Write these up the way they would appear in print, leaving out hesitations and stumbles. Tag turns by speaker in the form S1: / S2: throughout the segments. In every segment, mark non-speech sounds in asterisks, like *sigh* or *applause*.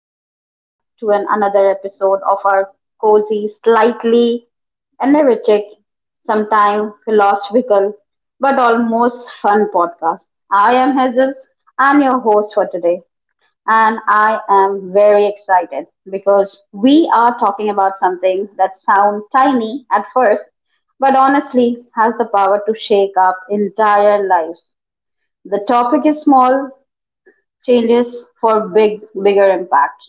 S1: welcome back to another episode of our cozy, slightly energetic, sometimes philosophical, but almost fun podcast. I am Hazel, I'm your host for today, and I am very excited because we are talking about something that sounds tiny at first, but honestly has the power to shake up entire lives. The topic is small changes for bigger impact,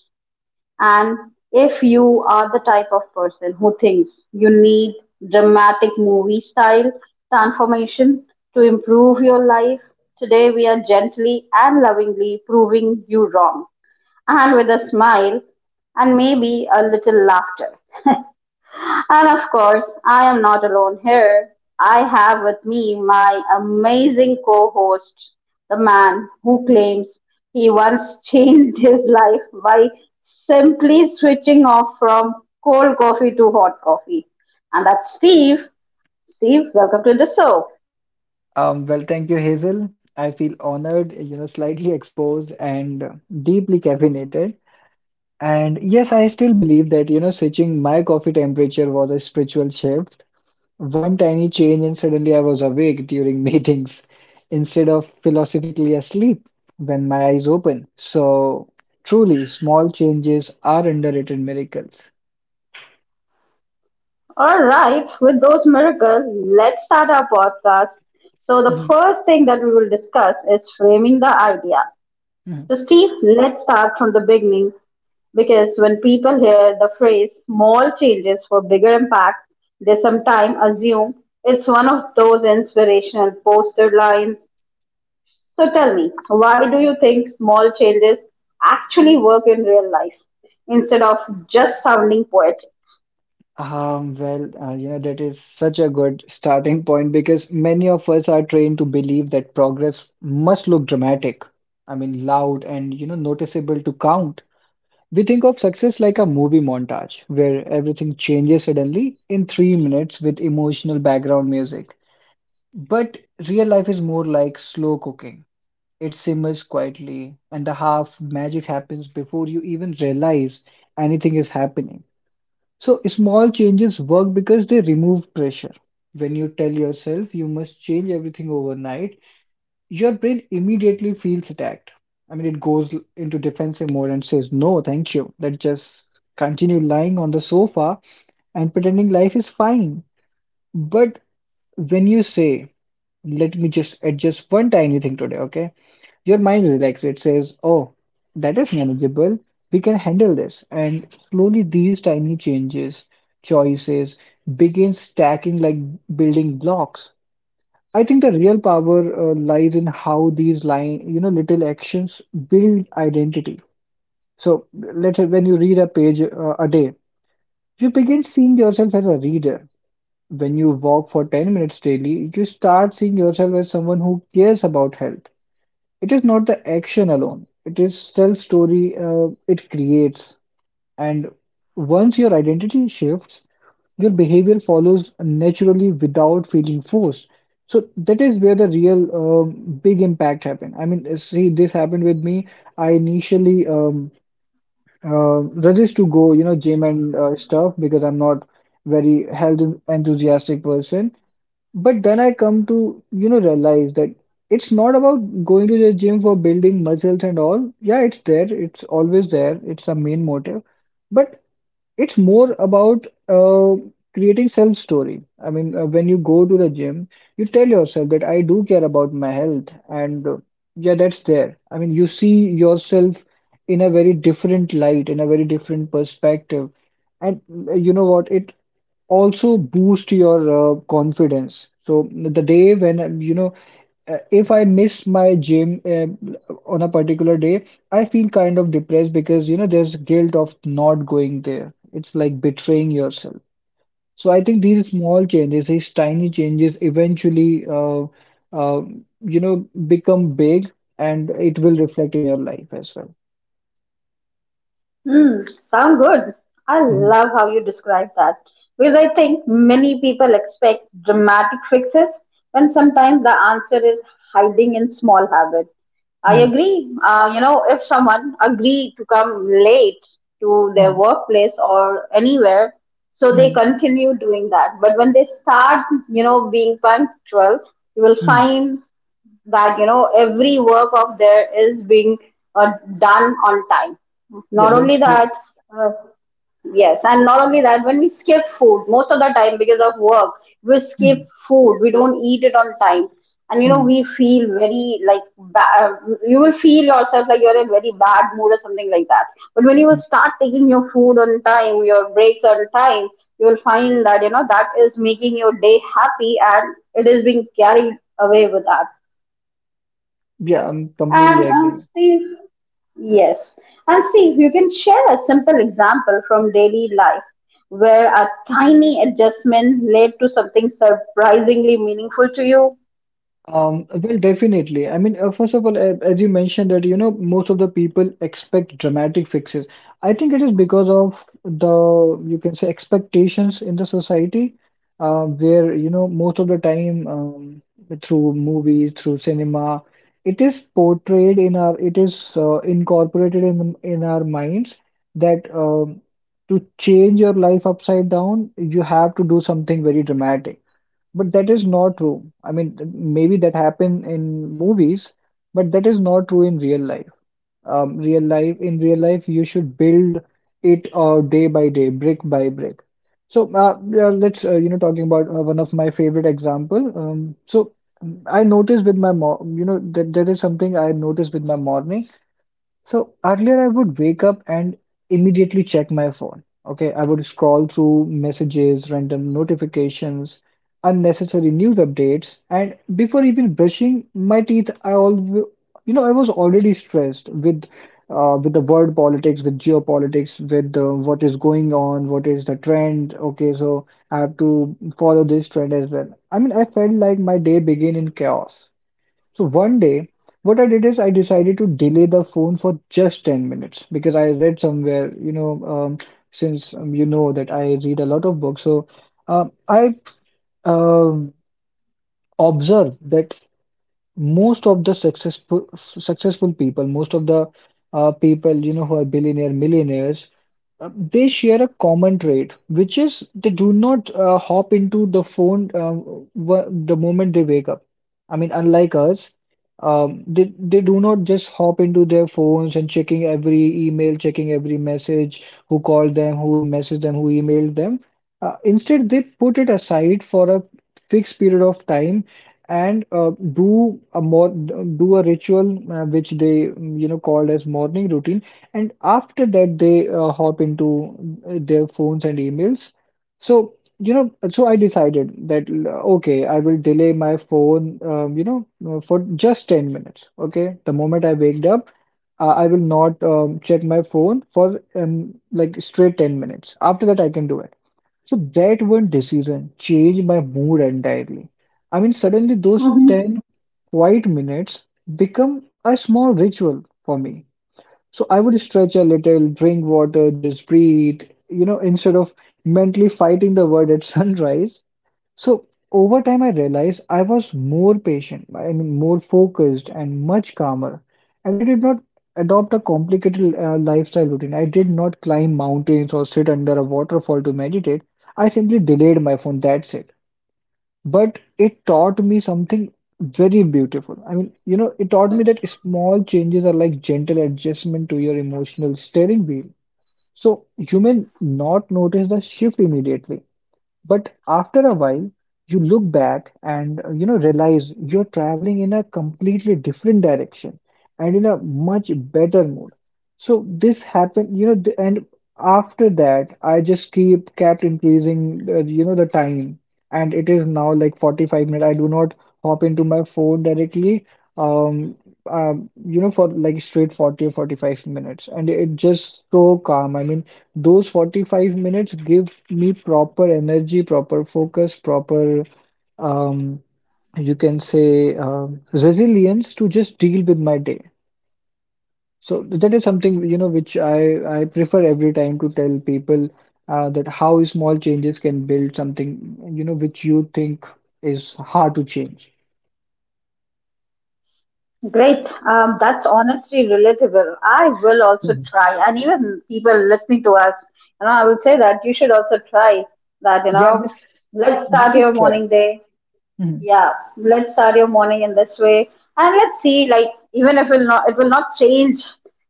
S1: and if you are the type of person who thinks you need dramatic movie style transformation to improve your life, today we are gently and lovingly proving you wrong, and with a smile and maybe a little laughter. *laughs* And of course, I am not alone here. I have with me my amazing co host, the man who claims he once *laughs* changed his life by simply switching off from cold coffee to hot coffee. And that's Steve. Steve, welcome to the show.
S2: Thank you, Hazel. I feel honored, you know, slightly exposed and deeply caffeinated. And yes, I still believe that, you know, switching my coffee temperature was a spiritual shift. One tiny change, and suddenly I was awake during *laughs* meetings instead of philosophically asleep when my eyes open. So, truly, small changes are underrated miracles.
S1: All right, with those miracles, let's start our podcast. So, the
S2: *laughs*
S1: first thing that we will discuss is framing the idea. So, Steve, let's start from the beginning, because when people hear the phrase small changes for bigger impact, they sometimes assume it's one of those inspirational poster lines. So, tell me, why do you think small changes actually work in real life instead of just sounding poetic?
S2: You know, that is such a good starting point because many of us are trained to believe that progress must look dramatic. I mean, loud and, you know, noticeable to count. We think of success like a movie montage where everything changes suddenly in 3 minutes with emotional background music. But real life is more like slow cooking. It simmers quietly, and the half magic happens before you even realize anything is happening. So small changes work because they remove pressure. When you tell yourself you must change everything overnight, your brain immediately feels attacked. I mean, it goes into defensive mode and says, "No, thank you. Let's just continue lying on the sofa and pretending life is fine." But when you say, "Let me just adjust one tiny thing today, okay?" Your mind relaxes. It says, oh, that is manageable. We can handle this. And slowly these tiny changes, choices begin stacking like building blocks. I think the real power lies in how these line, you know, little actions build identity. So let's say when you read a page a day, you begin seeing yourself as a reader. When you walk for 10 minutes daily, you start seeing yourself as someone who cares about health. It is not the action alone, it is self-story it creates. And once your identity shifts, your behavior follows naturally without feeling forced. So that is where the real big impact happened. I mean, see, this happened with me. I initially uh, resist to go, you know, gym and stuff because I'm not very health enthusiastic person. But then I come to, you know, realize that it's not about going to the gym for building muscles and all. Yeah, it's there, it's always there, it's a main motive. But it's more about creating self story. I mean, when you go to the gym, you tell yourself that I do care about my health, and yeah, that's there. I mean, you see yourself in a very different light, in a very different perspective. And you know what? It also boost your confidence. So the day when you know, if I miss my gym on a particular day, I feel kind of depressed because you know there's guilt of not going there. It's like betraying yourself. So I think these small changes, these tiny changes, eventually uh, you know become big, and it will reflect in your life as well.
S1: Mm, sound good. I
S2: Mhm.
S1: love how you describe that, because I think many people expect dramatic fixes when sometimes the answer is hiding in small habits. I
S2: Mhm.
S1: agree. If someone agree to come late to their
S2: Mhm.
S1: workplace or anywhere, so they
S2: Mhm.
S1: continue doing that. But when they start, you know, being punctual, you will
S2: Mhm.
S1: find that, you know, every work of there is being uh, done on time.
S2: Yeah,
S1: Not only
S2: that's true.
S1: that, uh, yes, and not only that, when we skip food most of the time because of work, we skip
S2: Mhm.
S1: food, we don't eat it on time, and you know,
S2: Mhm.
S1: we feel very like you will feel yourself like you're in very bad mood or something like that. But when you will
S2: Mhm.
S1: start taking your food on time, your breaks on time, you will find that, you know, that is making your day happy and it is being carried away with that.
S2: Yeah, I'm completely
S1: And
S2: agree.
S1: Steve, yes. And Steve, you can share a simple example from daily life where a tiny adjustment led to something surprisingly meaningful to you.
S2: Definitely. I mean, first of all, as you mentioned that, you know, most of the people expect dramatic fixes. I think it is because of the, you can say, expectations in the society, where, you know, most of the time, through movies, through cinema, it is portrayed in our, it is incorporated in our minds that to change your life upside down, you have to do something very dramatic. But that is not true. I mean, maybe that happen in movies, but that is not true in real life. Real life, in real life, you should build it day by day, brick by brick. So yeah, let's you know talking about one of my favorite example. So mm, I noticed with my mor You know that that is something I noticed with my morning. So earlier, I would wake up and immediately check my phone. Okay, I would scroll through messages, random notifications, unnecessary news updates, and before even brushing my teeth, I always, you know, I was already stressed with the world politics, with geopolitics, with what is going on, what is the trend. Okay, so I have to follow this trend as well. I mean, I felt like my day began in chaos. So one day, what I did is I decided to delay the phone for just 10 minutes because I read somewhere, since you know that I read a lot of books, so I um observed that most of the successful people, most of the people, you know, who are billionaire millionaires, they share a common trait, which is they do not hop into the phone w the moment they wake up. I mean, unlike us, um, they they do not just hop into their phones and checking every email, checking every message, who called them, who messaged them, who emailed them. Instead, they put it aside for a fixed period of time and do a more do a ritual which they you know called as morning routine and after that, they hop into their phones and emails. So, you know, so I decided that, okay, I will delay my phone, for just 10 minutes. Okay. The moment I waked up, I will not check my phone for like straight 10 minutes. After that, I can do it. So that one decision changed my mood entirely. I mean, suddenly those
S1: hmm
S2: 10 quiet minutes become a small ritual for me. So I would stretch a little, drink water, just breathe, you know, instead of mentally fighting the word at *laughs* sunrise. So over time, I realized I was more patient, I mean, more focused and much calmer. And I did not adopt a complicated lifestyle routine. I did not climb mountains or sit under a waterfall to meditate. I simply delayed my phone. That's it, but it taught me something very beautiful. I mean, you know, it taught me that small changes are like gentle adjustment to your emotional steering wheel. So you may not notice the shift immediately, but after a while, you look back and you know realize you're traveling in a completely different direction and in a much better mood. So this happened, and after that, I just keep kept increasing, you know, the time, and it is now like 45 minutes. I do not hop into my phone directly, um, you know, for like straight 40 or 45 minutes, and it just so calm. I mean, those 45 minutes give me proper energy, proper focus, proper, um, you can say, resilience to just deal with my day. So that is something, you know, which I prefer every time to tell people that how small changes can build something, you know, which you think is hard to change.
S1: Great. That's honestly relatable. I will also
S2: Mhm.
S1: try. And even people listening to us, you know, I will say that you should also try that, you
S2: Yeah,
S1: know,
S2: this
S1: let's
S2: you
S1: start
S2: should
S1: your
S2: try.
S1: morning day.
S2: Mhm,
S1: Yeah, let's start your morning in this way, and let's see. Like, even if it will not change,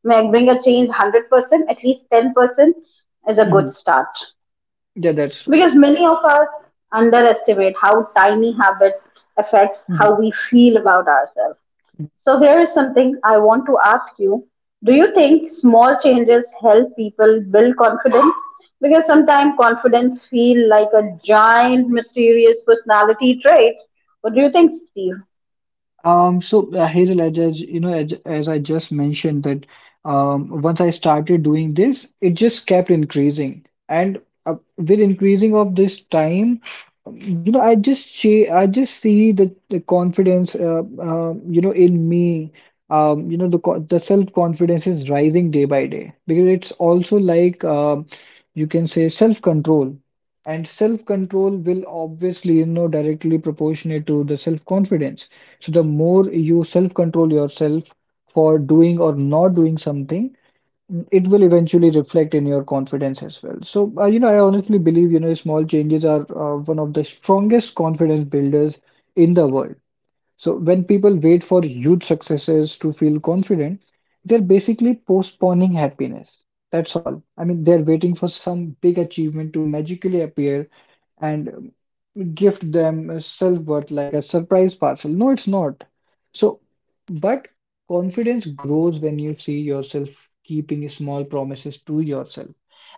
S1: like bring a change 100%. At least 10% is a good
S2: mhm.
S1: start,
S2: Yeah, that's wrong.
S1: because many of us underestimate how tiny habit affects how
S2: Mhm.
S1: we feel about ourselves. So here is something I want to ask you. Do you think small changes help people build confidence? Because sometimes confidence feel like a giant mysterious personality trait. What do you think, Steve?
S2: Hazel, as you know, as I just mentioned that once I started doing this, it just kept increasing, and with increasing of this time, you know, I just see the confidence, you know, in me. You know, the self confidence is rising day by day because it's also like you can say self control, and self control will obviously, you know, directly proportionate to the self confidence. So the more you self-control yourself for doing or not doing something, it will eventually reflect in your confidence as well. So you know, I honestly believe you know small changes are one of the strongest confidence builders in the world. So when people wait for huge successes to feel confident, they're basically postponing happiness. That's all. I mean, they're waiting for some big achievement to magically appear, and gift them a self-worth like a surprise parcel. No, it's not. So, but confidence grows when you see yourself keeping small promises to yourself.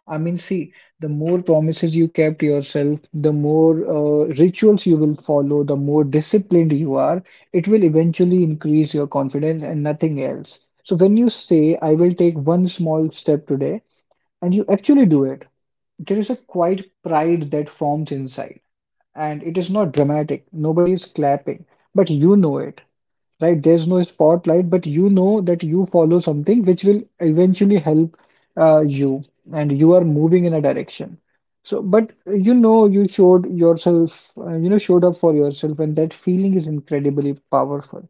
S2: I mean, see, the more promises you kept yourself, the more rituals you will follow, the more disciplined you are, it will eventually increase your confidence and nothing else. So when you say, "I will take one small step today," and you actually do it, there is a quiet pride that forms inside. And it is not dramatic. Nobody is clapping, but you know it, right? There's no spotlight, but you know that you follow something which will eventually help you, and you are moving in a direction. So, but you know, you showed yourself, you know, showed up for yourself, and that feeling is incredibly powerful.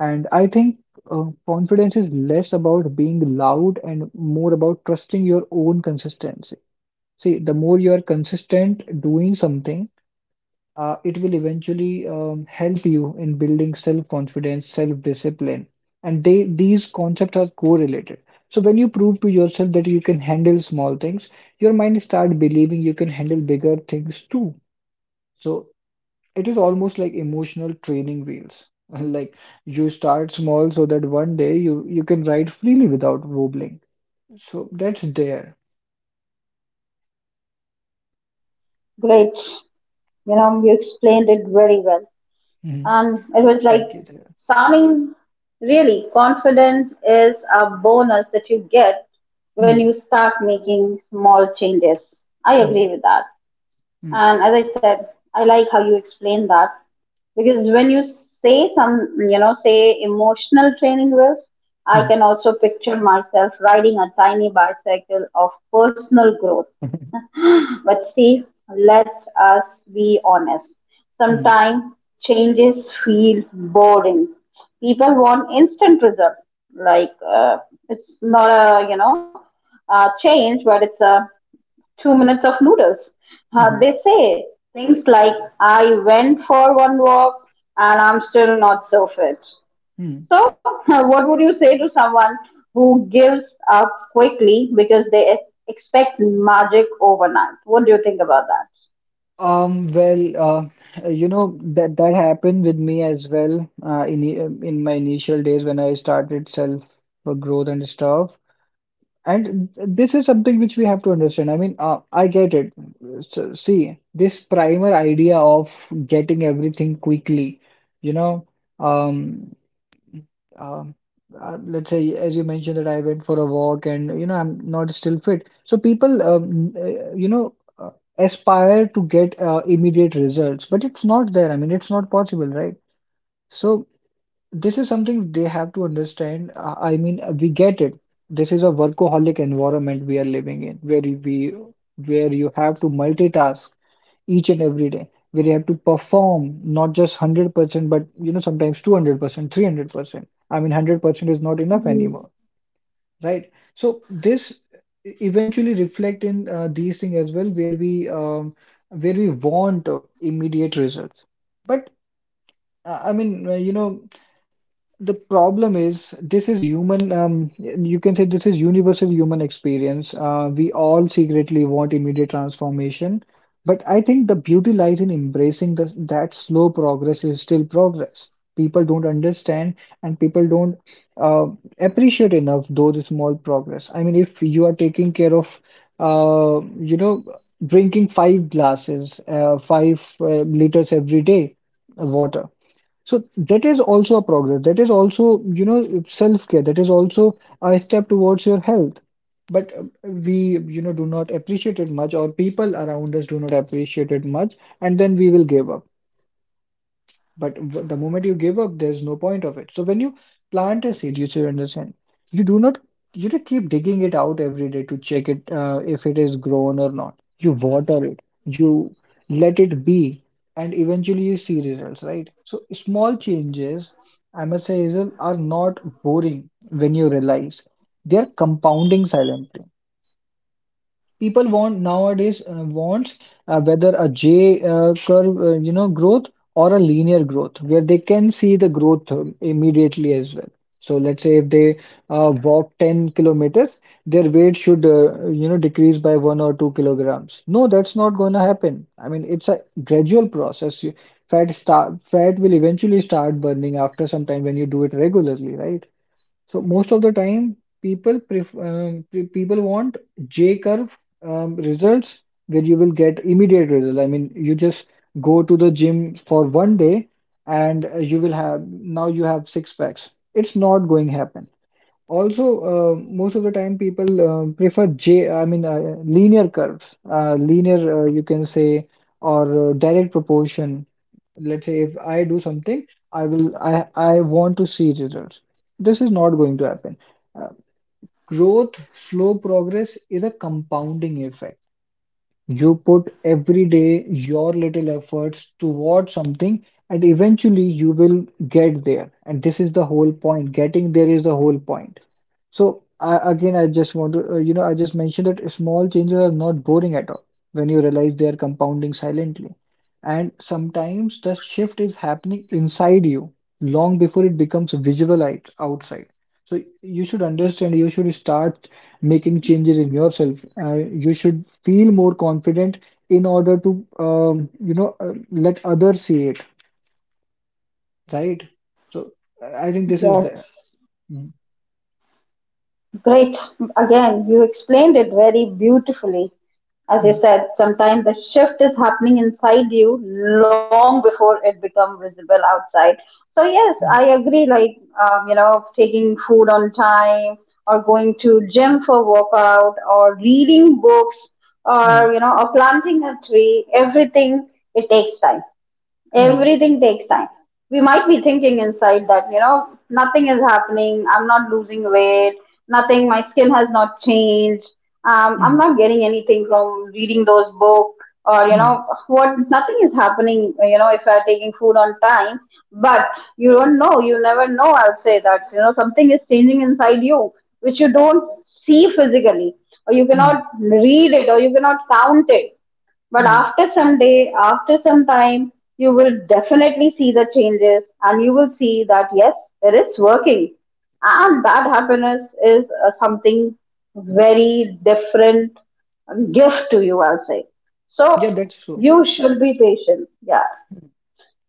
S2: And I think confidence is less about being loud and more about trusting your own consistency. See, the more you are consistent doing something, it will eventually help you in building self-confidence, self-discipline, and they these concepts are correlated. So when you prove to yourself that you can handle small things, your mind start believing you can handle bigger things too. So it is almost like emotional training wheels. *laughs* Like you start small so that one day you can ride freely without wobbling. So that's there.
S1: Great. You know, you explained it very well.
S2: Mhm.
S1: And it was like,
S2: Thank you, there.
S1: sounding really confident is a bonus that you get when
S2: Mhm.
S1: you start making small changes. I agree
S2: Mhm.
S1: with that.
S2: Mhm.
S1: And as I said, I like how you explain that, because when you say some, you know, say emotional training wheels, I
S2: Mhm.
S1: can also picture myself riding a tiny bicycle of personal growth. But see, let us be honest.
S2: Mhm.
S1: Sometimes changes feel boring. People want instant result. Like uh, it's not a, you know, a change, but it's a 2 minutes of noodles.
S2: Mhm.
S1: They say things like, I went for one walk and I'm still not so fit.
S2: Mhm. *laughs*
S1: So, *laughs* what would you say to someone who gives up quickly because they expect magic overnight? What do you think about that?
S2: Well, you know that happened with me as well. In my initial days when I started self growth and stuff, and this is something which we have to understand. I mean, I get it. So, see, this primer idea of getting everything quickly, you know, um um, let's say as you mentioned that I went for a walk and you know I'm not still fit. So people aspire to get immediate results, but it's not there. I mean, it's not possible, right? So this is something they have to understand. I mean, we get it. This is a workaholic environment we are living in, where you- we where you have to multitask each and every day, where you have to perform not just 100% but you know sometimes 200% 300%. I mean 100% is not enough
S1: Mm,
S2: anymore, right? So this eventually reflect in these things as well, where we want immediate results, but I mean, the problem is this is human. You can say this is universal human experience. We all secretly want immediate transformation, but I think the beauty lies in embracing that slow progress is still progress. People don't understand, and people don't uh, appreciate enough those small progress. I mean, if you are taking care of, uh, you know, drinking five glasses, five liters every day of water. So that is also a progress. That is also, self-care. That is also a step towards your health. But we, do not appreciate it much, or people around us do not appreciate it much, and then we will give up. But the moment you give up, there's no point of it. So when you plant a seed, you should understand, you do not, you don't keep digging it out every day to check it if it is grown or not. You water it, you let it be, and eventually you see results, right? So small changes, I must say, Hazel, are not boring when you realize they're compounding silently. People want nowadays wants whether a J curve, growth, or a linear growth where they can see the growth immediately as well. So let's say if they walk 10 kilometers, their weight should, decrease by 1 or 2 kilograms. No, that's not going to happen. I mean, it's a gradual process. Fat start, fat will eventually start burning after some time when you do it regularly, right? So most of the time, people people want J curve results where you will get immediate results. I mean, you just go to the gym for one day, and you will have now you have six packs. It's not going to happen. Also, uh, most of the time, people prefer J. I mean, linear curves, linear, you can say, or direct proportion. Let's say if I do something, I will I want to see results. This is not going to happen. Uh, growth, slow progress is a compounding effect. You put every day your little efforts towards something, and eventually you will get there. And this is the whole point. Getting there is the whole point. So I just want to, I just mentioned that small changes are not boring at all when you realize they are compounding silently. And sometimes the shift is happening inside you long before it becomes visible outside. So you should understand, you should start making changes in yourself. You should feel more confident in order to, let others see it, right? So I think this is
S1: yes,
S2: there. Mm.
S1: great. Again, you explained it very beautifully. As you
S2: Mm.
S1: said, sometimes the shift is happening inside you long before it become visible outside. So yes,
S2: Mm.
S1: I agree. Like, you know, taking food on time, or going to gym for workout, or reading books,
S2: Mm.
S1: or you know, or planting a tree. Everything, it takes time.
S2: Mm.
S1: Everything takes time. We might be thinking inside that, you know, nothing is happening. I'm not losing weight. Nothing. My skin has not changed. I'm
S2: Mm.
S1: not getting anything from reading those books, or, you
S2: Mhm.
S1: know, what, nothing is happening, you know, if you're taking food on time. But you don't know. You never know. I'll say that, you know, something is changing inside you, which you don't see physically, or you
S2: Mhm.
S1: cannot read it, or you cannot count it, but
S2: Mhm.
S1: after some day, after some time, you will definitely see the changes and you will see that yes, it is working. And that happiness is something very different gift to you, I'll say. So
S2: Yeah, that's so.
S1: you should be patient. Yeah.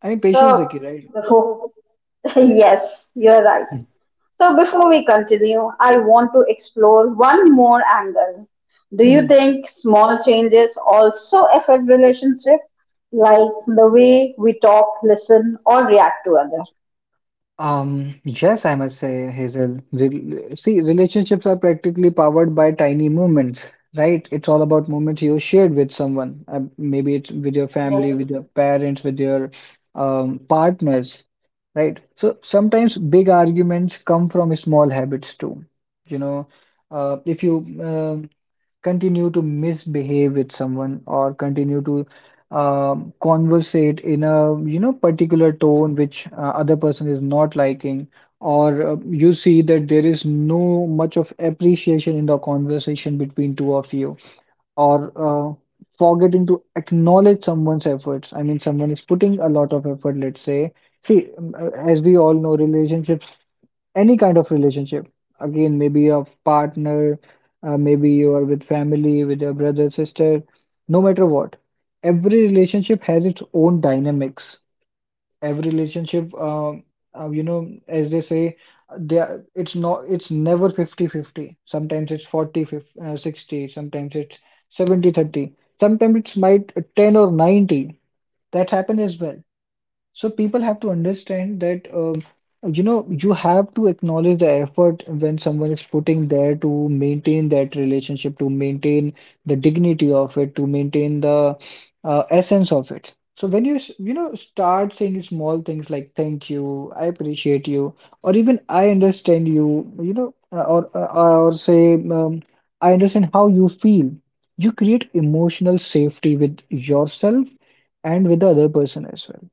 S2: I mean, patience is
S1: So
S2: the key, right?
S1: the focus. *laughs* Yes, you're right.
S2: Mhm.
S1: So, before we continue, I want to explore one more angle. Do you
S2: Mhm.
S1: think small changes also affect relationships, like the way we talk, listen, or react to others?
S2: Yes, I must say, Hazel. Rel see, relationships are practically powered by tiny moments, right? It's all about moments you shared with someone. Maybe it's with your family,
S1: Yes.
S2: with your parents, with your partners, right? So sometimes big arguments come from small habits too. You know, if you um continue to misbehave with someone, or continue to conversate in a particular tone which other person is not liking, or you see that there is no much of appreciation in the conversation between two of you, or uh, forgetting to acknowledge someone's efforts. I mean someone is putting a lot of effort, let's say, see, as we all know, relationships, any kind of relationship, again maybe a partner, maybe you are with family, with your brother, sister, no matter what, every relationship has its own dynamics. Every relationship, you know, as they say, it's not, it's never 50-50. Sometimes it's 40 50, 60. Sometimes it's 70-30. Sometimes it's might 10 or 90, that happens as well. So people have to understand that, you have to acknowledge the effort when someone is putting there to maintain that relationship, to maintain the dignity of it, to maintain the essence of it. So when you s- you know start saying small things like thank you, I appreciate you, or even I understand you, you know, or or say, I understand how you feel. You create emotional safety with yourself and with the other person as well.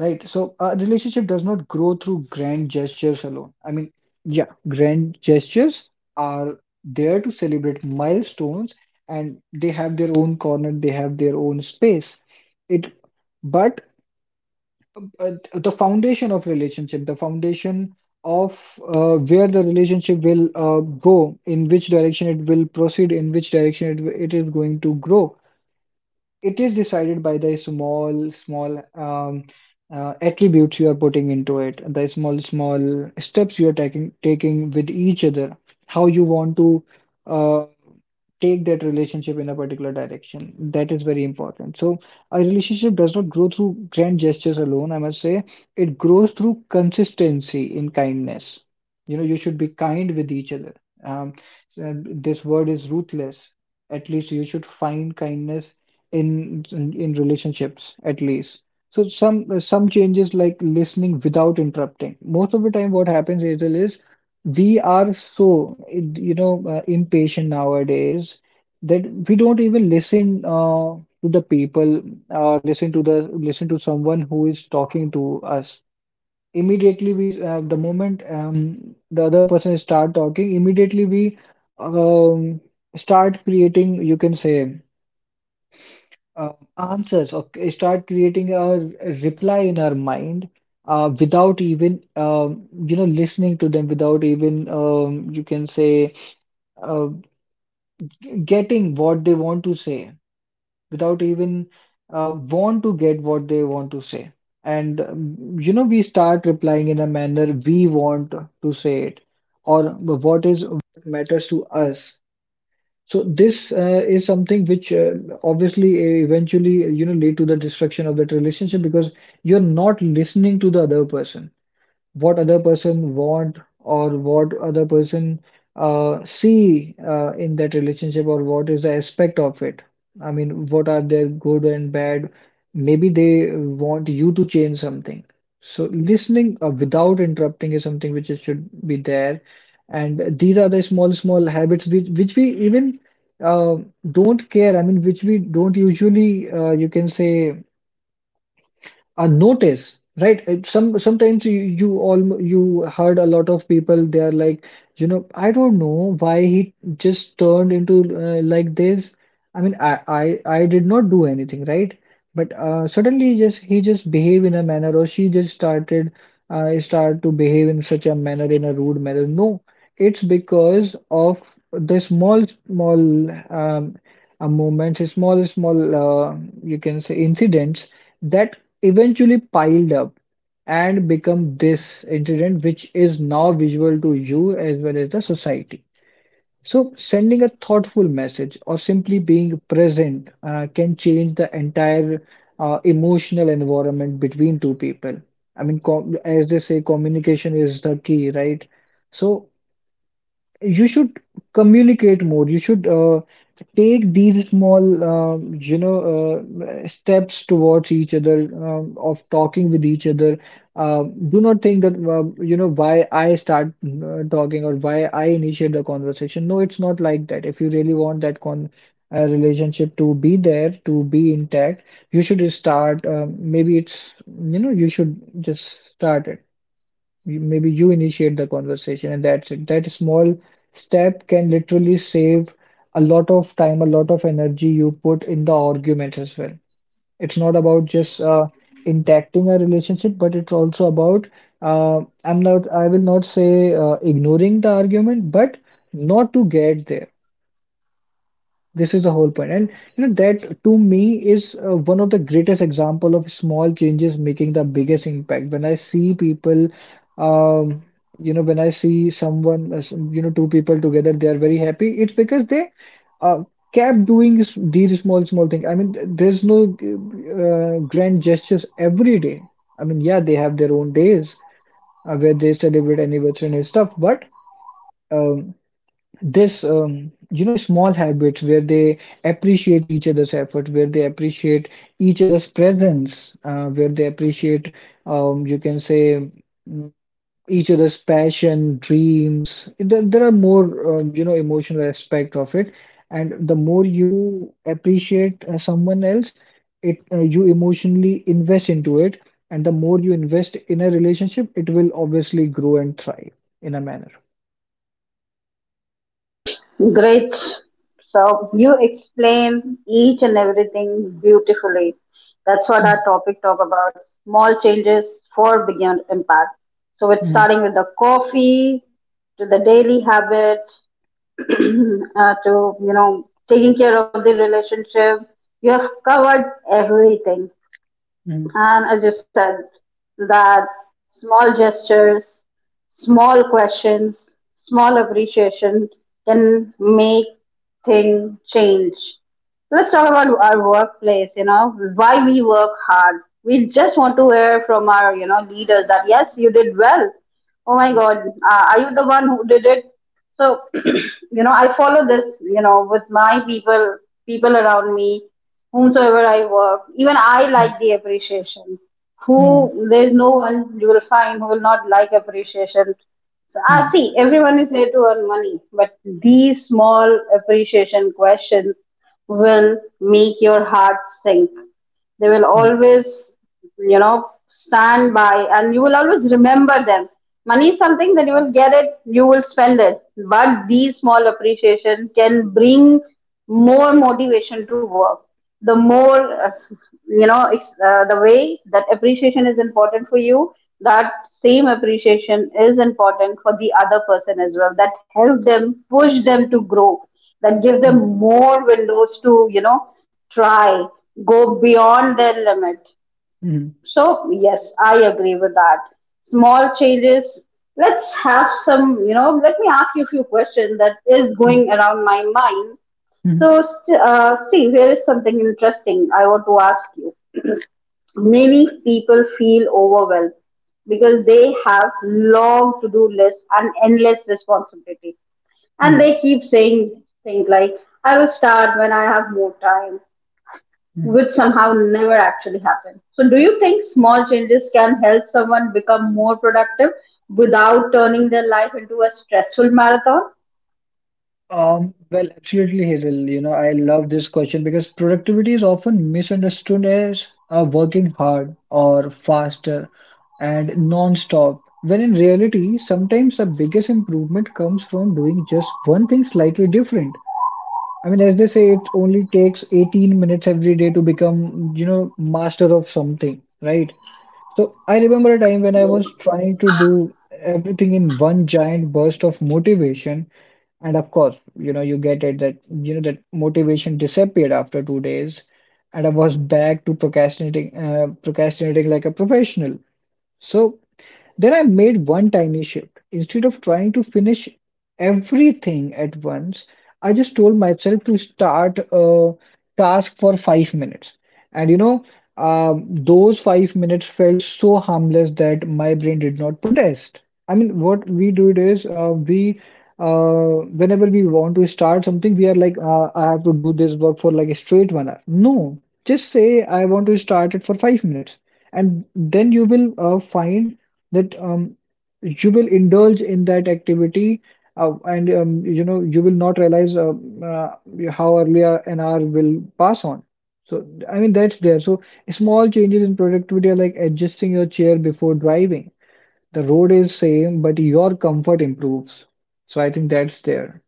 S2: Right. So a relationship does not grow through grand gestures alone. I mean, yeah, grand gestures are there to celebrate milestones, and they have their own corner, they have their own space. It, but the foundation of relationship, the foundation of, where the relationship will go, in which direction it will proceed, in which direction it is going to grow, it is decided by the small small attributes you are putting into it, the small small steps you are taking with each other, how you want to uh, take that relationship in a particular direction, that is very important. So a relationship does not grow through grand gestures alone, I must say. It grows through consistency in kindness. You know, you should be kind with each other. um, so this word is ruthless, at least you should find kindness in relationships at least. So some changes like listening without interrupting. Most of the time what happens, Hazel, is we are so, you know, impatient nowadays that we don't even listen to the people, or listen to someone who is talking to us. Immediately we, the moment, the other person start talking, immediately we, um, start creating, you can say, answers, or start creating a reply in our mind, without even, you know, listening to them, without even, you can say, uh, getting what they want to say, without even want to get what they want to say. And you know, we start replying in a manner we want to say it, or what is what matters to us. So this is something which obviously eventually you know, lead to the destruction of that relationship, because you're not listening to the other person, what other person want, or what other person see in that relationship, or what is the aspect of it. I mean, what are their good and bad? Maybe they want you to change something. So listening without interrupting is something which should be there. And these are the small, small habits which we even uh, don't care. I mean, which we don't usually, you can say, a notice, right? Sometimes you heard a lot of people. They are like, you know, I don't know why he just turned into like this. I mean, I did not do anything, right? But suddenly, just he just behave in a manner, or she just started start to behave in such a manner, in a rude manner. No, it's because of the small, small um, moments, small, small you can say incidents that eventually piled up and become this incident, which is now visual to you as well as the society. So, sending a thoughtful message or simply being present can change the entire emotional environment between two people. I mean, com as they say, communication is the key, right? So, you should communicate more. You should take these small, steps towards each other, of talking with each other. Do not think that, why I start talking, or why I initiate the conversation. No, it's not like that. If you really want that con relationship to be there, to be intact, you should start. Maybe it's, you know, you should just start it. Maybe you initiate the conversation, and that's it. That small step can literally save a lot of time, a lot of energy you put in the arguments as well. It's not about just intacting a relationship, but it's also about I'm not, I will not say ignoring the argument, but not to get there. This is the whole point. And you know, that to me is one of the greatest example of small changes making the biggest impact. When I see people, um, you know, when I see someone, you know, two people together, they are very happy. It's because they uh, kept doing these small, small things. I mean, there's no grand gestures every day. I mean, yeah, they have their own days where they celebrate anniversary and stuff, but. Um, this, you know, small habits where they appreciate each other's effort, where they appreciate each other's presence, where they appreciate, you can say, mm, each other's passion, dreams. There are more, you know, emotional aspect of it. And the more you appreciate someone else, it you emotionally invest into it. And the more you invest in a relationship, it will obviously grow and thrive in a manner.
S1: Great. So, you explain each and everything beautifully. That's what our
S2: Mm,
S1: topic talk about, small changes for bigger impact. So, it's
S2: mm,
S1: starting with the coffee to the daily habit *clears throat* to, you know, taking care of the relationship, you have covered everything.
S2: mm.
S1: And as you said, that small gestures, small questions, small appreciation can make things change. Let's talk about our workplace, you know, why we work hard. We just want to hear from our, you know, leaders that yes, you did well. Oh my
S2: Mm.
S1: God, are you the one who did it? So, *clears throat* you know, I follow this, you know, with my people, people around me whomsoever I work, even I
S2: Mm,
S1: like the appreciation.
S2: mm,
S1: Who, there is no one you will find who will not like appreciation. Ah,
S2: mm,
S1: see, everyone is here to earn money, but these small appreciation questions will make your heart sink. They will
S2: mm,
S1: always, you know, stand by, and you will always remember them. Money is something that you will get it, you will spend it, but these small appreciation can bring more motivation to work. The more uh, you know ex- The way that appreciation is important for you, that same appreciation is important for the other person as well, that help them, push them to grow, that give them
S2: mm,
S1: more windows to, you know, try, go beyond their limit.
S2: mm,
S1: So yes, I agree with that. Small changes. Let's have some, you know, let me ask you a few questions that is going
S2: mm,
S1: around my mind.
S2: mm,
S1: So, Steve, here is something interesting I want to ask you. Many people feel overwhelmed because they have long to-do list and endless responsibility, and
S2: mm,
S1: they keep saying things like, "I will start when I have more time,"
S2: mm.
S1: which somehow never actually happen. So, do you think small changes can help someone become more productive without turning their life into a stressful marathon?
S2: Well, absolutely, Hiral. You know, I love this question because productivity is often misunderstood as working hard or faster and non-stop, when in reality, sometimes the biggest improvement comes from doing just one thing slightly different. I mean, as they say, it only takes 18 minutes every day to become, you know, master of something, right? So I remember a time when I was trying to do everything in one giant burst of motivation. And of course, you know, you get it that, you know, that motivation disappeared after 2 days. And I was back to procrastinating, procrastinating like a professional. So then I made one tiny shift. Instead of trying to finish everything at once, I just told myself to start a task for 5 minutes. And you know, those 5 minutes felt so harmless that my brain did not protest. I mean, what we do it is whenever we want to start something, we are like, I have to do this work for like a straight 1 hour. No, just say I want to start it for 5 minutes, and then you will find that, you will indulge in that activity, and, you know, you will not realize uh, how early an hour will pass on. So I mean, that's there. So small changes in productivity are like adjusting your chair before driving. The road is same, but your comfort improves. So I think that's there.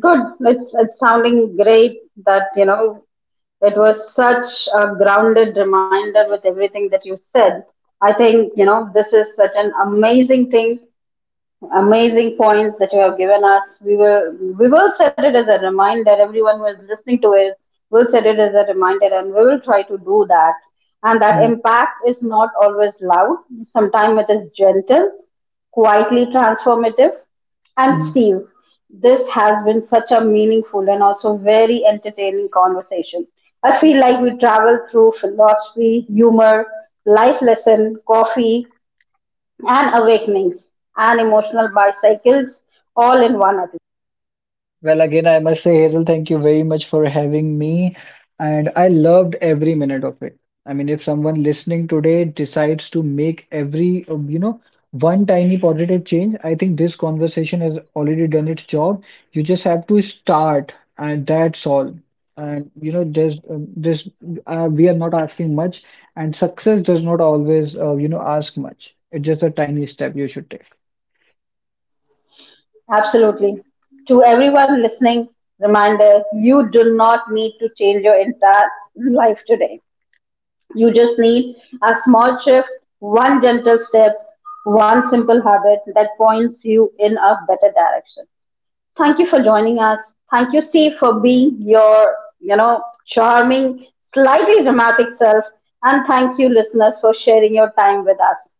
S1: Good. It's sounding great, that, you know, it was such a grounded reminder with everything that you said. I think, you know, this is such an amazing points that you have given us. We will set it as a reminder. Everyone who is listening to it will set it as a reminder, and we will try to do that. And that
S2: Mm,
S1: impact is not always loud. Sometimes it is gentle, quietly transformative, and
S2: mm.
S1: Steve. This has been such a meaningful and also very entertaining conversation. I feel like we traveled through philosophy, humor, life lesson, coffee, and awakenings and emotional bicycles all in one episode.
S2: Well, again, I must say, Hazel, thank you very much for having me. And I loved every minute of it. I mean, if someone listening today decides to make every, you know, one tiny positive change, I think this conversation has already done its job. You just have to start, and that's all. And, you know, we are not asking much, and success does not always, you know, ask much. It's just a tiny step you should take.
S1: Absolutely. To everyone listening, reminder, you do not need to change your entire life today. You just need a small shift, one gentle step, one simple habit that points you in a better direction. Thank you for joining us. Thank you, Steve, for being your, you know, charming, slightly dramatic self. And thank you, listeners, for sharing your time with us.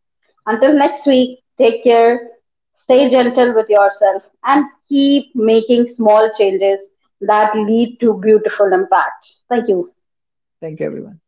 S1: Until next week, take care, stay gentle with yourself, and keep making small changes that lead to beautiful impact. Thank you.
S2: Thank you, everyone.